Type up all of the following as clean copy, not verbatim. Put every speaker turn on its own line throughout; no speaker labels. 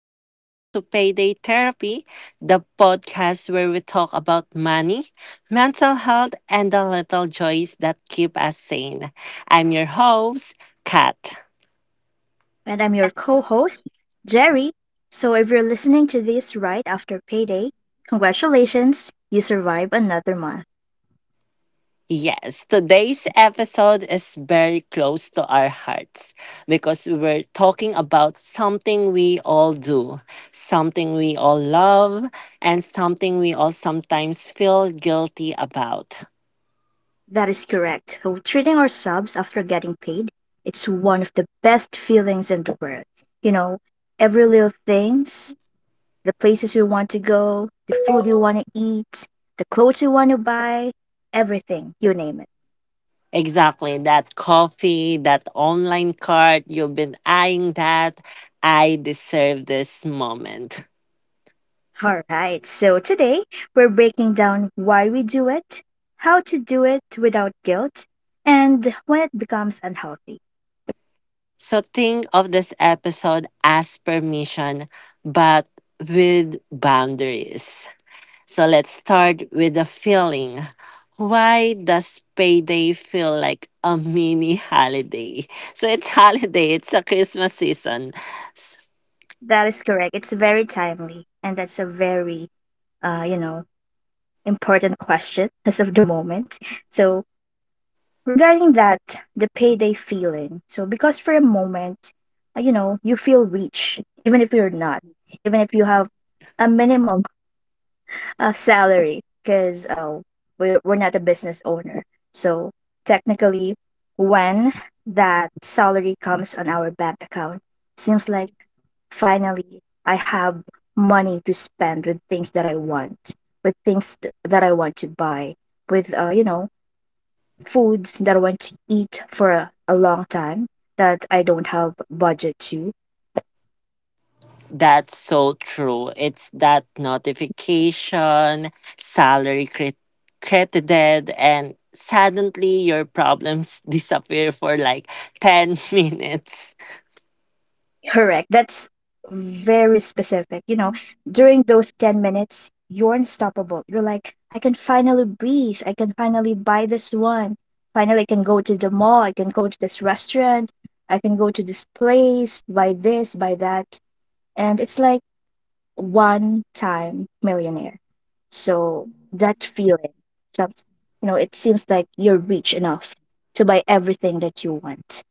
welcome to Payday Therapy, the podcast where we talk about money, mental health, and the little joys that keep us sane. I'm your host, Kat.
And I'm your co host, Jerry. So if you're listening to this right after payday, congratulations, you survived another month.
Yes, today's episode is very close to our hearts because we're talking about something we all do, something we all love, and something we all sometimes feel guilty about.
That is correct. So treating our subs after getting paid, it's one of the best feelings in the world. You know, every little things, the places you want to go, the food you want to eat, the clothes you want to buy, everything, you name it.
Exactly. That coffee, that online cart, you've been eyeing that. I deserve this moment.
All right, so today we're breaking down why we do it, how to do it without guilt, and when it becomes unhealthy.
So think of this episode as permission, but with boundaries. So let's start with the feeling. Why does payday feel like a mini holiday? So it's holiday, it's a Christmas season.
That is correct. It's very timely, and that's a very, you know, important question as of the moment. So, regarding that, the payday feeling. So, because for a moment, you know, you feel rich, even if you're not, even if you have a minimum a salary because we're not a business owner. So technically, when that salary comes on our bank account, seems like finally I have money to spend with things that I want, with things that I want to buy, with, you know, foods that I want to eat for a long time that I don't have budget to.
That's so true. It's that notification, salary cre- credited, and suddenly your problems disappear for like 10 minutes.
Correct. That's very specific. You know, during those 10 minutes, you're unstoppable. You're like, I can finally breathe. I can finally buy this one. Finally, I can go to the mall. I can go to this restaurant. I can go to this place, buy this, buy that. And it's like, one time millionaire. So that feeling, that's- you know, it seems like you're rich enough to buy everything that you want.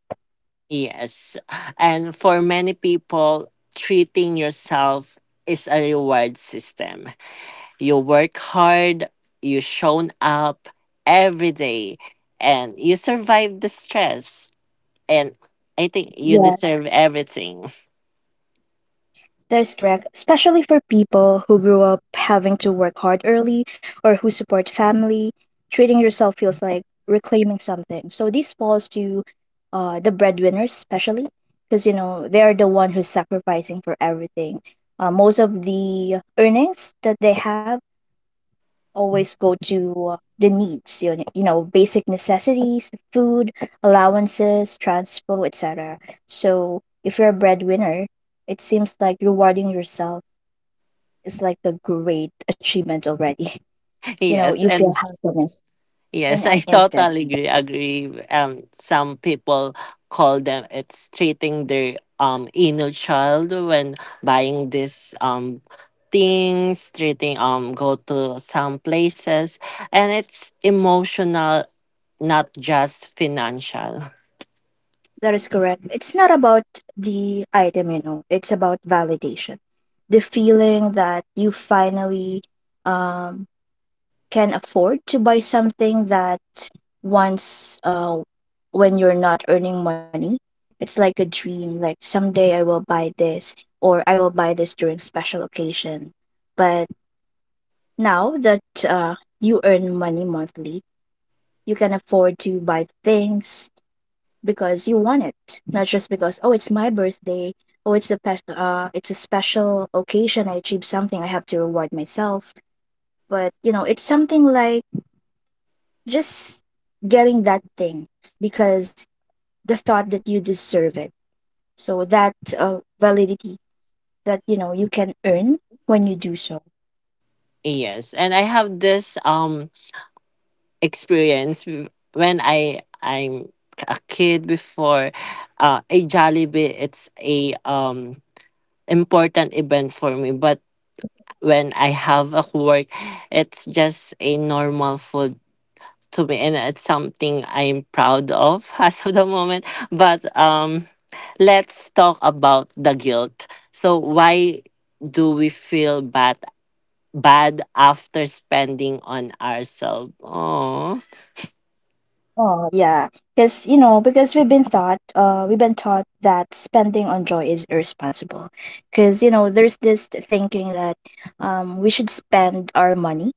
Yes. And for many people, treating yourself is a reward system. You work hard, you shown up every day, and you survive the stress. And I think you
Yeah.
deserve everything.
That is correct, especially for people who grew up having to work hard early or who support family. Treating yourself feels like reclaiming something. So this falls to the breadwinners, especially because you know they are the one who's sacrificing for everything. Most of the earnings that they have always go to the needs, you know, basic necessities, food, allowances, transport, etc. So if you're a breadwinner, it seems like rewarding yourself is like a great achievement already. You know,
Yes,
you feel
and
happiness in
yes,
an
I
instant.
totally agree. Some people call them it's treating their inner child when buying this things, treating go to some places, and it's emotional, not just financial.
That is correct. It's not about the item, you know, it's about validation. The feeling that you finally um, can afford to buy something that once, when you're not earning money, it's like a dream. Like someday I will buy this or I will buy this during special occasion. But now that you earn money monthly, you can afford to buy things because you want it, not just because oh it's my birthday, oh it's it's a special occasion. I achieved something. I have to reward myself. But you know, it's something like just getting that thing because the thought that you deserve it. So that validity that you know you can earn when you do so.
Yes, and I have this experience when I'm a kid before. A Jollibee, it's a important event for me. But when I have a work, it's just a normal food to me, and it's something I'm proud of as of the moment. But let's talk about the guilt. So why do we feel bad after spending on ourselves? Oh.
Oh yeah, because you know, because we've been taught that spending on joy is irresponsible. Because you know, there's this thinking that, we should spend our money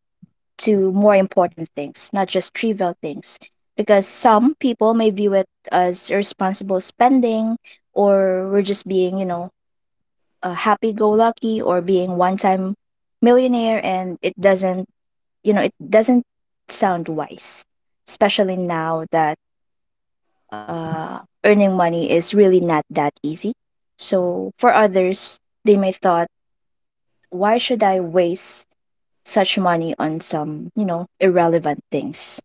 to more important things, not just trivial things. Because some people may view it as irresponsible spending, or we're just being, you know, a happy-go-lucky or being one-time millionaire, and it doesn't, you know, it doesn't sound wise, especially now that earning money is really not that easy. So for others, they may thought, why should I waste such money on some, you know, irrelevant things?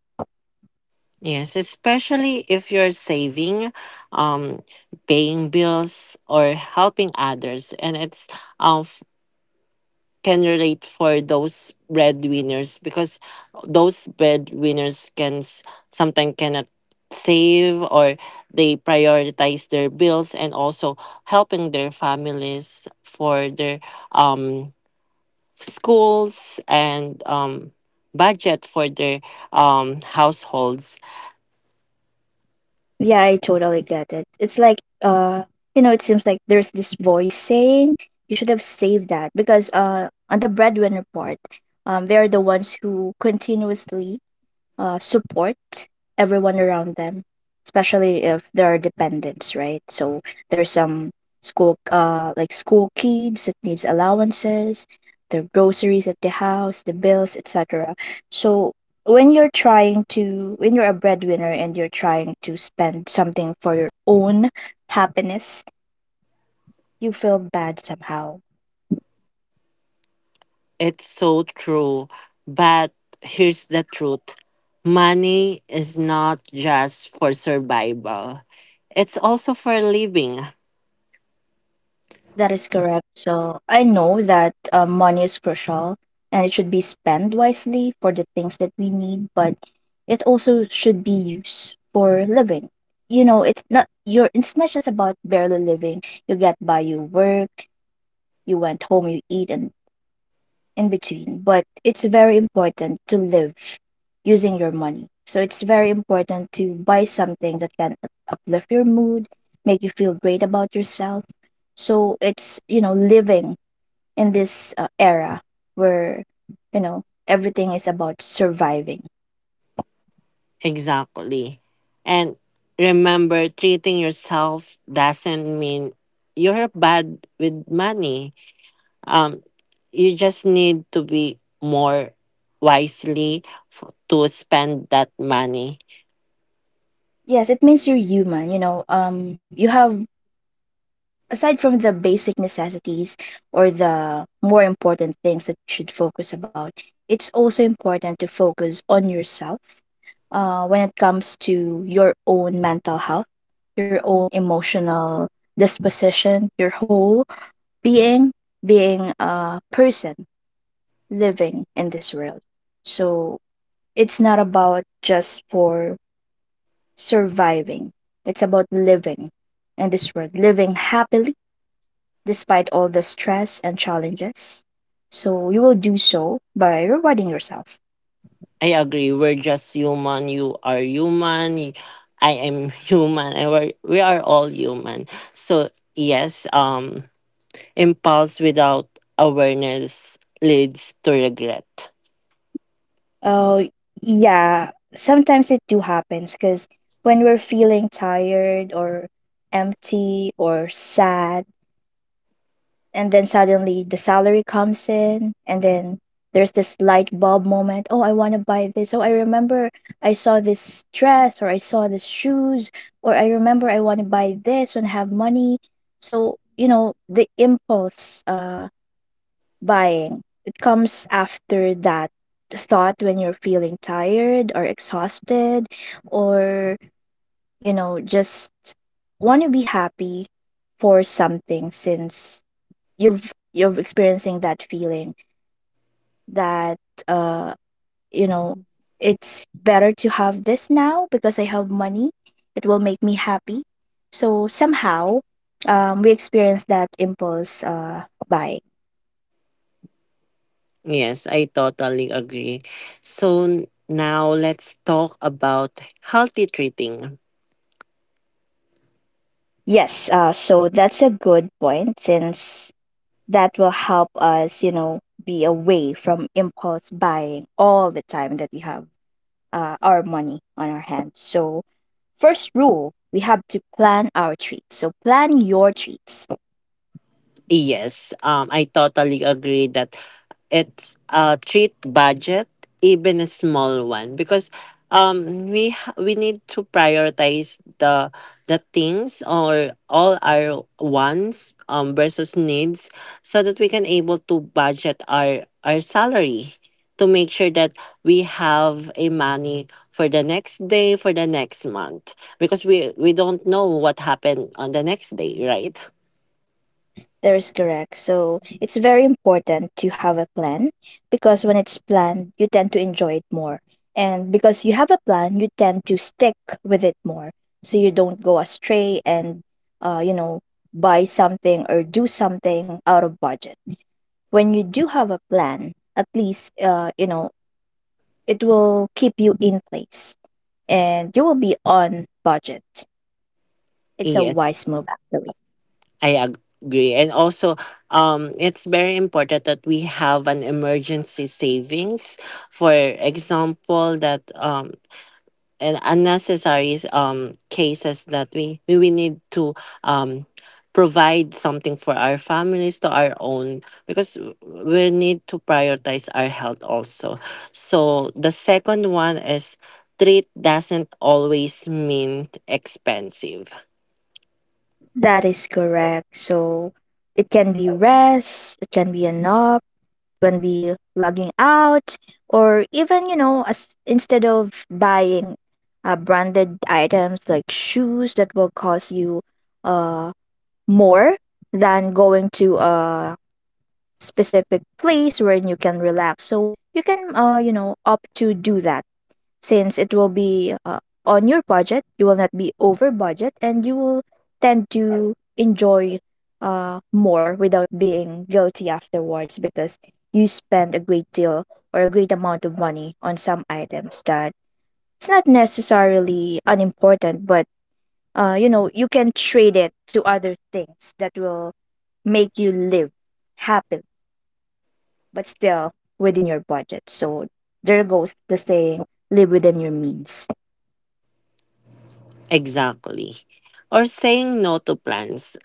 Yes, especially if you're saving, um, paying bills or helping others, and it's um can relate for those breadwinners because those breadwinners can sometimes cannot save, or they prioritize their bills and also helping their families for their um schools and budget for their households.
Yeah, I totally get it. It's like you know, it seems like there's this voice saying you should have saved that because on the breadwinner part, they are the ones who continuously support everyone around them, especially if there are dependents, right? So there's some like school kids that needs allowances, the groceries at the house, the bills, etc. So when you're a breadwinner and you're trying to spend something for your own happiness, you feel bad somehow.
It's so true. But here's the truth: money is not just for survival, it's also for living.
That is correct. So I know that money is crucial and it should be spent wisely for the things that we need, but it also should be used for living. You know, it's not your. It's not just about barely living. You get by, you work, you went home, you eat and in between. But it's very important to live using your money. So it's very important to buy something that can uplift your mood, make you feel great about yourself. So it's, you know, living in this era where you know everything is about surviving.
Exactly. And remember, treating yourself doesn't mean you're bad with money. Um, you just need to be more wisely to spend that money.
Yes, it means you're human, you know, you have, aside from the basic necessities or the more important things that you should focus about, it's also important to focus on yourself, when it comes to your own mental health, your own emotional disposition, your whole being, being a person living in this world. So it's not about just for surviving. It's about living in this world, living happily despite all the stress and challenges. So you will do so by rewarding yourself.
I agree. We're just human. You are human. I am human. And we are all human. So yes, impulse without awareness leads to regret.
Oh, yeah. Sometimes it do happens because when we're feeling tired or empty or sad, and then suddenly the salary comes in and then there's this light bulb moment. Oh, I want to buy this. Oh, I remember I saw this dress or I saw this shoes, or I remember I want to buy this and have money. So you know, the impulse buying it comes after that thought when you're feeling tired or exhausted, or you know, just want to be happy for something, since you've experiencing that feeling that uh you know, it's better to have this now because I have money, it will make me happy. So somehow, um, we experience that impulse buying.
Yes, I totally agree. So now let's talk about healthy treating.
Yes so that's a good point, since that will help us, you know, be away from impulse buying all the time that we have our money on our hands. So first rule, we have to plan our treats. So plan your treats.
Yes, I totally agree that it's a treat budget, even a small one, because we need to prioritize the things or all our wants versus needs, so that we can able to budget our salary to make sure that we have a money for the next day, for the next month, because we don't know what happened on the next day, right?
That is correct. So it's very important to have a plan because when it's planned, you tend to enjoy it more. And because you have a plan, you tend to stick with it more. So you don't go astray and you know, buy something or do something out of budget. When you do have a plan, at least you know, it will keep you in place and you will be on budget. It's a
Yes.
wise move, actually.
I agree. And also, it's very important that we have an emergency savings. For example, that and unnecessary cases that we need to um provide something for our families, to our own, because we need to prioritize our health also. So the second one is, treat doesn't always mean expensive.
That is correct. So it can be rest, it can be a nap, when we logging out, or even you know, as instead of buying branded items like shoes that will cost you uh more than going to a specific place where you can relax. So you can you know, opt to do that, since it will be on your budget, you will not be over budget and you will tend to enjoy more without being guilty afterwards, because you spend a great deal or a great amount of money on some items that it's not necessarily unimportant, but you know, you can trade it to other things that will make you live happily but still within your budget. So there goes the saying, live within your means.
Exactly. Or saying no to plans,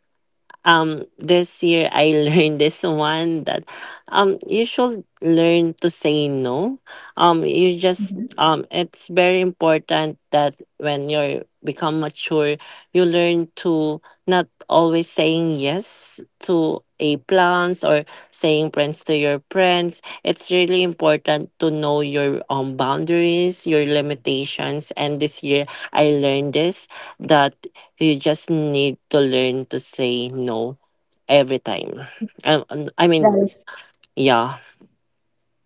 this year I learned this one that you should learn to say no. You just It's very important that when you become mature you learn to not always saying yes to a plans or saying friends to your friends. It's really important to know your boundaries, your limitations, and this year I learned this that. You just need to learn to say no every time. Um, I
That
mean,
is,
yeah.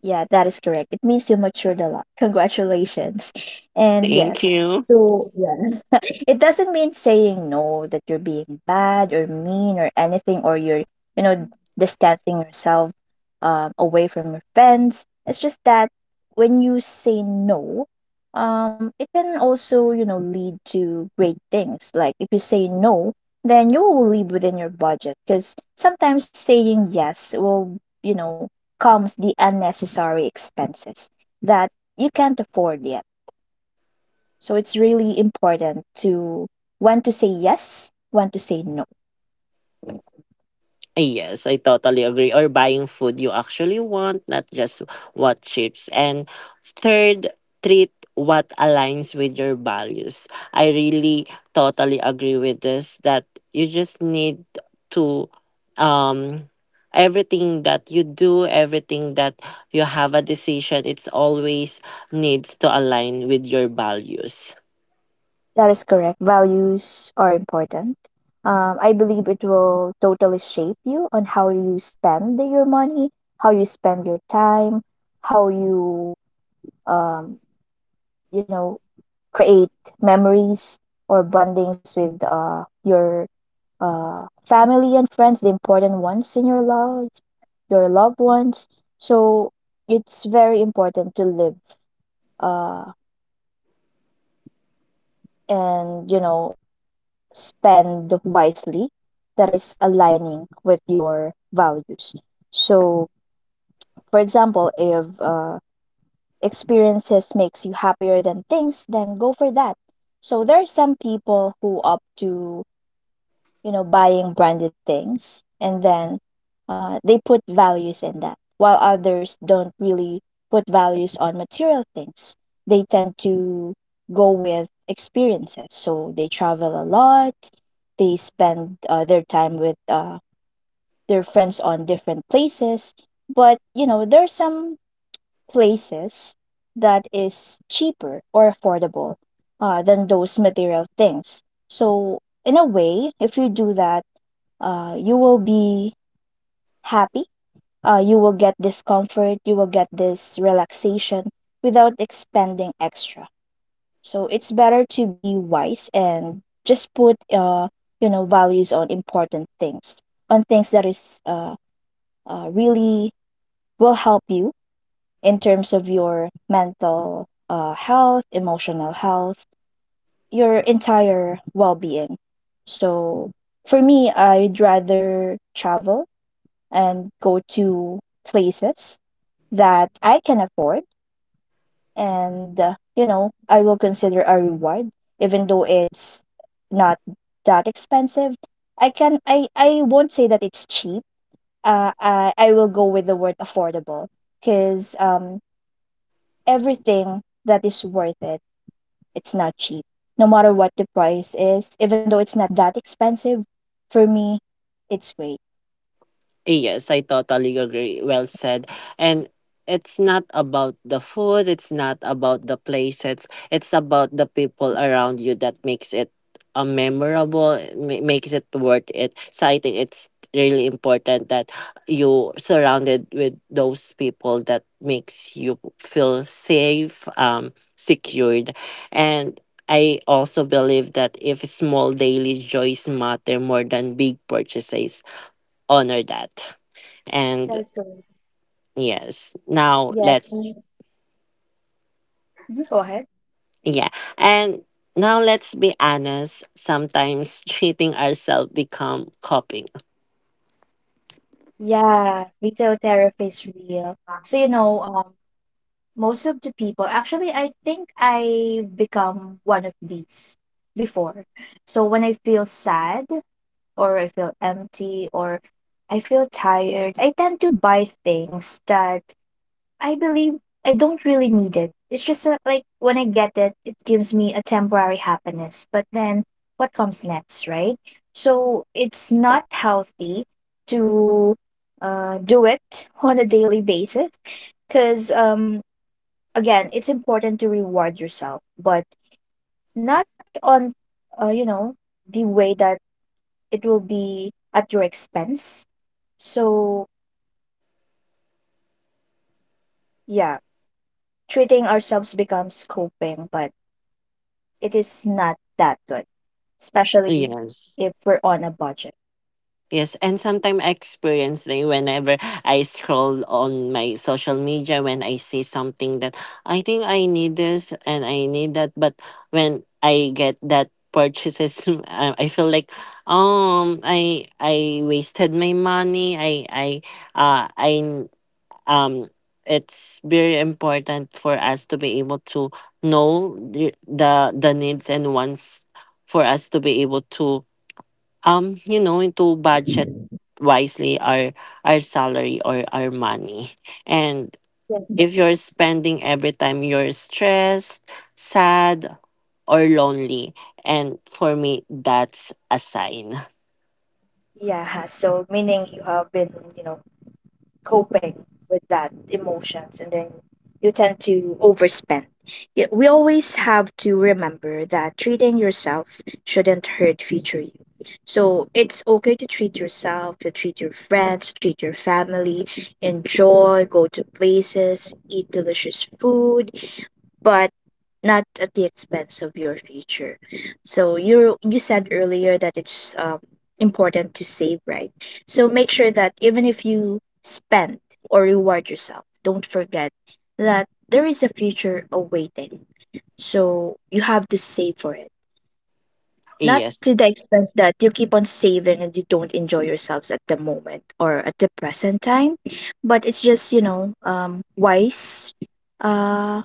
yeah, that is correct. It means you matured a lot. Congratulations. And
Thank
yes,
you.
so yeah, it doesn't mean saying no that you're being bad or mean or anything, or you know, distancing yourself away from your friends. It's just that when you say no, it can also, you know, lead to great things. Like if you say no, then you will live within your budget because sometimes saying yes will, you know, comes the unnecessary expenses that you can't afford yet. So it's really important to when to say yes, when to say no.
Yes, I totally agree. Or buying food you actually want, not just what chips. And third, treat what aligns with your values. I really totally agree with this that you just need to um everything that you do, everything that you have a decision, it's always needs to align with your values.
That is correct. Values are important. I believe it will totally shape you on how you spend your money, how you spend your time, how you, um, you know, create memories or bondings with your family and friends, the important ones in your life, your loved ones. So it's very important to live uh, and, you know, spend wisely that is aligning with your values. So for example, if experiences makes you happier than things, then go for that. So there are some people who opt to, you know, buying branded things. And then they put values in that, while others don't really put values on material things. They tend to go with experiences. So they travel a lot, they spend their time with their friends on different places. But, you know, there are some places that is cheaper or affordable than those material things. So, in a way, if you do that, you will be happy. You will get this comfort. You will get this relaxation without expending extra. So it's better to be wise and just put you know values on important things, on things that is really will help you in terms of your mental health, emotional health, your entire well being. So for me, I'd rather travel and go to places that I can afford. And, you know, I will consider a reward, even though it's not that expensive. I won't say that it's cheap. I will go with the word affordable because everything that is worth it, it's not cheap. No matter what the price is, even though it's not that expensive, for me, it's great.
Yes, I totally agree. Well said. And it's not about the food, it's not about the place, it's about the people around you that makes it memorable, makes it worth it. So I think it's really important that you surrounded with those people that makes you feel safe, secured. And I also believe that if small daily joys matter more than big purchases, honor that.
That
And
is correct.
yes, now
Yes.
let's,
Mhm, go ahead.
yeah, and now let's be honest, sometimes treating ourselves become coping.
Yeah, retail therapy is real. So, you know, most of the people, actually, I think I become one of these before. So when I feel sad or I feel empty or I feel tired, I tend to buy things that I believe I don't really need it. It's just a, like when I get it, it gives me a temporary happiness. But then what comes next, right? So it's not healthy to do it on a daily basis because, again, it's important to reward yourself, but not on, you know, the way that it will be at your expense. So, yeah, treating ourselves becomes coping, but it is not that good, especially if we're
Yes,
on a budget.
yes, and sometimes I experience it whenever I scroll on my social media, when I see something that I think I need this and I need that. But when I get that purchases, I feel like I wasted my money. I um it's very important for us to be able to know the needs and wants, for us to be able to you know to budget wisely our salary or our money. And
Yeah.
if you're spending every time you're stressed, sad, or lonely, and for me that's a sign.
Yeah, so meaning you have been, you know, coping with that emotions and then you tend to overspend. Yet we always have to remember that treating yourself shouldn't hurt future you. So it's okay to treat yourself, to treat your friends, to treat your family, enjoy, go to places, eat delicious food, but not at the expense of your future. So you said earlier that it's important to save, right? So make sure that even if you spend or reward yourself, don't forget that there is a future awaiting. So you have to save for it. Not to
Yes.
the expense that you keep on saving and you don't enjoy yourselves at the moment or at the present time, but it's just you know wise, uh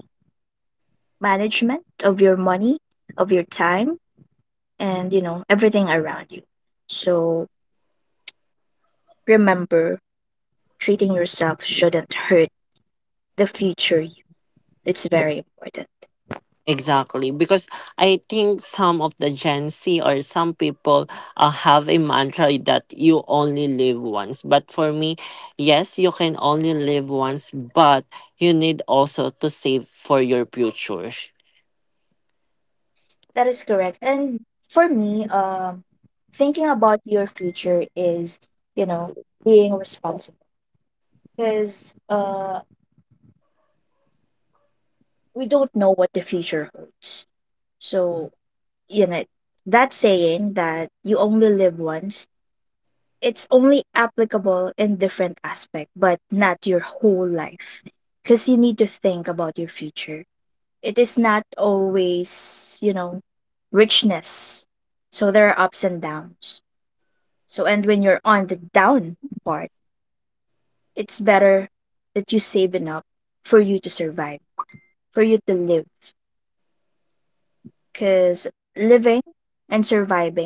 management of your money, of your time, and you know, everything around you. So remember, treating yourself shouldn't hurt the future you. It's very important.
Exactly, because I think some of the Gen Z or some people have a mantra that you only live once. But for me, yes, you can only live once, but you need also to save for your future.
That is correct. And for me, thinking about your future is, you know, being responsible because we don't know what the future holds. So, you know, that saying that you only live once, it's only applicable in different aspect but not your whole life, because you need to think about your future. It is not always you know richness, so there are ups and downs. So and when you're on the down part, it's better that you save enough for you to survive, for you to live, because living and surviving,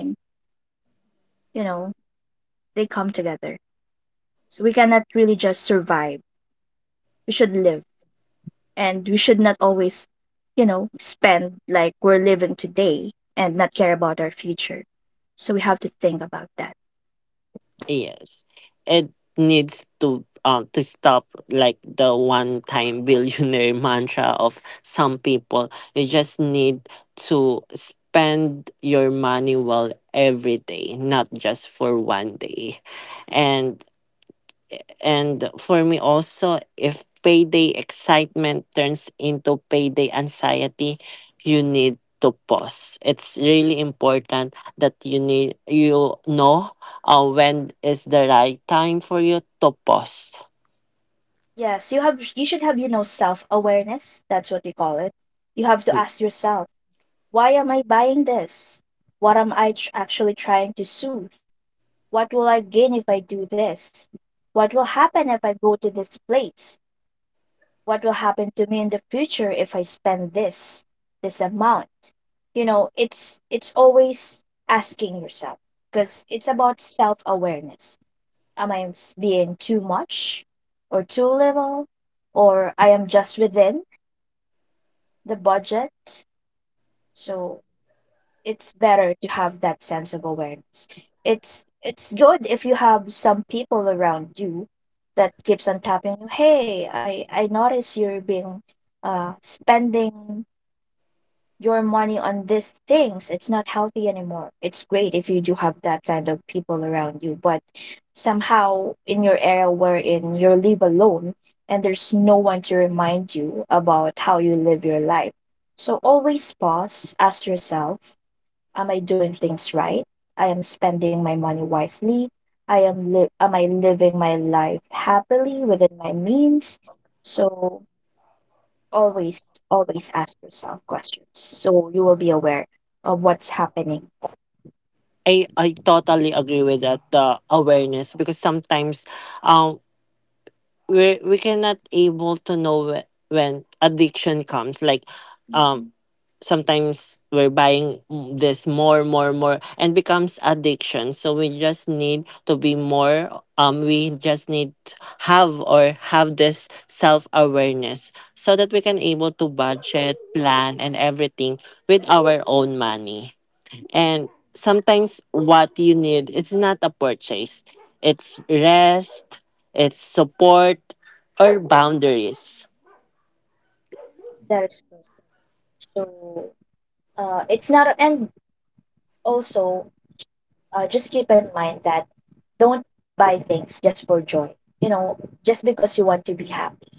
you know, they come together. So we cannot really just survive, we should live, and we should not always, you know, spend like we're living today and not care about our future. So we have to think about that.
Yes, it needs to stop like the one-time billionaire mantra of some people. You just need to spend your money well every day, not just for one day. And and for me also, if payday excitement turns into payday anxiety, you need to pause. It's really important that you need you know when is the right time for you to pause.
Yes, you should have, you know, self-awareness, that's what we call it. You have to
Mm.
ask yourself, why am I buying this? What am I tr- actually trying to soothe? What will I gain if I do this? What will happen if I go to this place? What will happen to me in the future if I spend this, this amount? You know, it's always asking yourself because it's about self-awareness. Being too much or too little, or I am just within the budget? So it's better to have that sense of awareness. It's good if you have some people around you that keeps on tapping you. Hey, I notice you're being spending your money on these things. It's not healthy anymore. It's great if you do have that kind of people around you, but somehow in your era wherein you live alone and there's no one to remind you about how you live your life. So always pause, ask yourself, am I doing things right? I am spending my money wisely. Am I living my life happily within my means? So always always ask yourself questions so you will be aware of what's happening.
I totally agree with that, the awareness, because sometimes, um. We cannot able to know when addiction comes, like um sometimes we're buying this more, and becomes addiction. So we just need to be more we just need to have or have this self awareness, so that we can able to budget, plan, and everything with our own money. And sometimes what you need, it's not a purchase. It's rest, it's support, or boundaries.
That is true. So it's not, and also just keep in mind that don't buy things just for joy. You know, just because you want to be happy,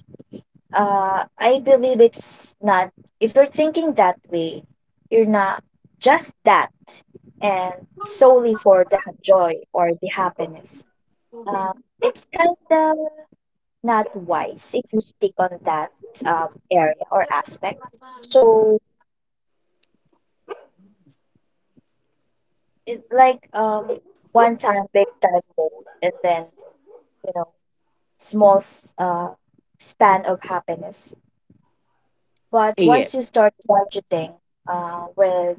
I believe it's not. If you're thinking that way, you're not just that and solely for the joy or the happiness. Um, it's kind of not wise if you stick on that area or aspect. So it's like one time, big time mode, and then, you know, small s- uh, span of happiness. But
Yeah.
once you start budgeting with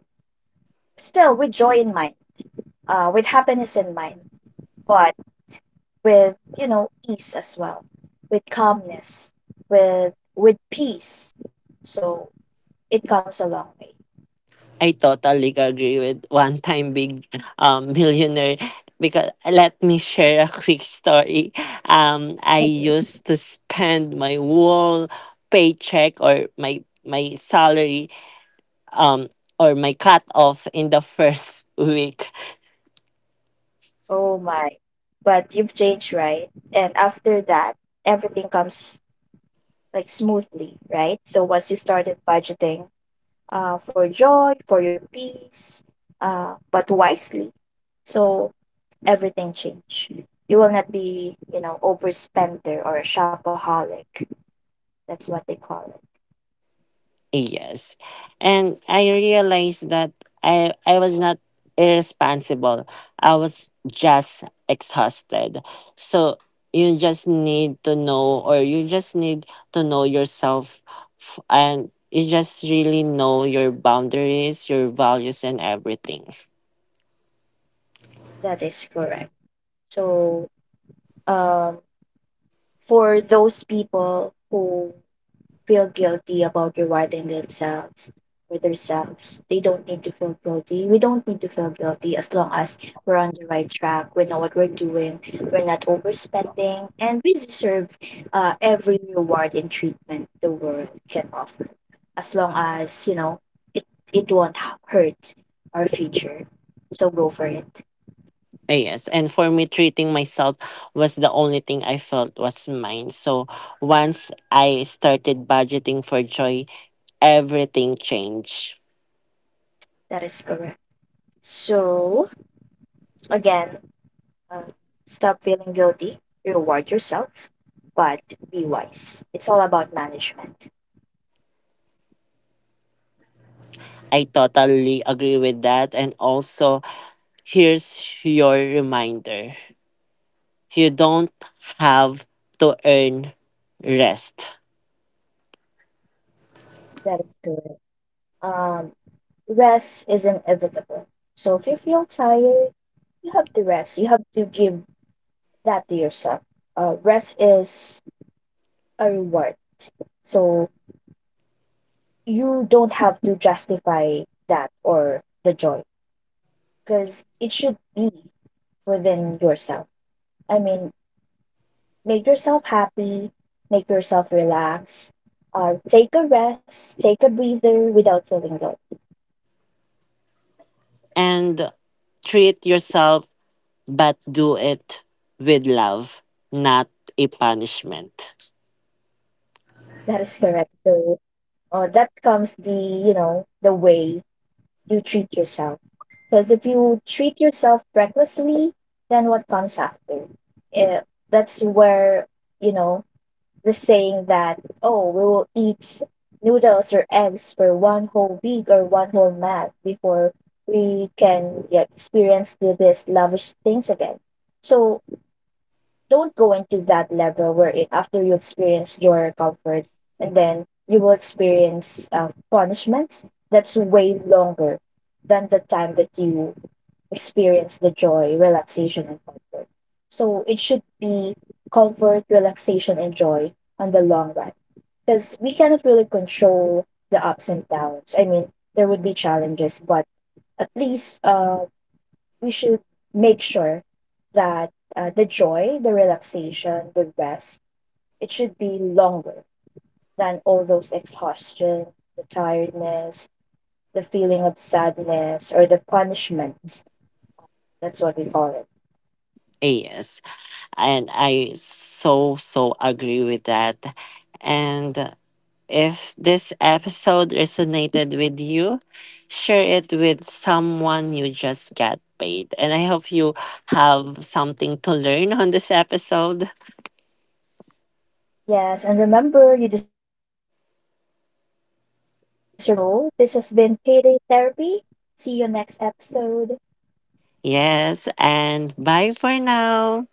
still with joy in mind, with happiness in mind, but with, you know, ease as well, with calmness, with peace. So it comes a long way.
I totally agree with one time big millionaire, because let me share a quick story. I
Okay.
used to spend my whole paycheck or my salary um or my cut off in the first week.
Oh my. But you've changed, right? And after that, everything comes like smoothly, right? So once you started budgeting for joy, for your peace, but wisely. So everything change. You will not be, you know, overspender or a shopaholic. That's what they call it.
Yes. And I realized that I was not irresponsible. I was just exhausted. So you just need to know, or you just need to know yourself, and you just really know your boundaries, your values, and everything.
That is correct. So, um, for those people who feel guilty about rewarding themselves or themselves. They don't need to feel guilty. We don't need to feel guilty as long as we're on the right track. We know what we're doing. We're not overspending, and we deserve every reward and treatment the world can offer, as long as you know it, it won't h- hurt our future. So go for it.
Eh, yes. And for me treating myself was the only thing I felt was mine. So once I started budgeting for joy, everything changed.
That is correct. So again, Uh, stop feeling guilty, reward yourself, but be wise. It's all about management.
I totally agree with that. And also, here's your reminder: you don't have to earn rest.
That is correct. Um, rest is inevitable. So if you feel tired, you have to rest. You have to give that to yourself. Rest is a reward. So you don't have to justify that or the joy because it should be within yourself. I mean, make yourself happy, make yourself relax, take a rest, take a breather without feeling guilt.
And treat yourself, but do it with love, not a punishment.
That is correct. So that comes the, you know, the way you treat yourself. Because if you treat yourself recklessly, then what comes after? Eh, that's where, you know, the saying that, oh, we will eat noodles or eggs for one whole week or one whole month before we can, yeah, experience the, these lavish things again. So don't go into that level where it, after you experience your comfort and then you will experience punishments that's way longer than the time that you experience the joy, relaxation and comfort. So it should be comfort, relaxation and joy on the long run, because we cannot really control the ups and downs. I mean, there would be challenges, but at least we should make sure that the joy, the relaxation, the rest, it should be longer than all those exhaustion, the tiredness, the feeling of sadness, or the punishment. That's what we call it.
Yes. And I so, so agree with that. And if this episode resonated with you, share it with someone you just got paid. And I hope you have something to learn on this episode.
Yes, and remember, you deserve the life you're working so hard for. So, this has been Payday Therapy. See you next episode.
Yes, and bye for now.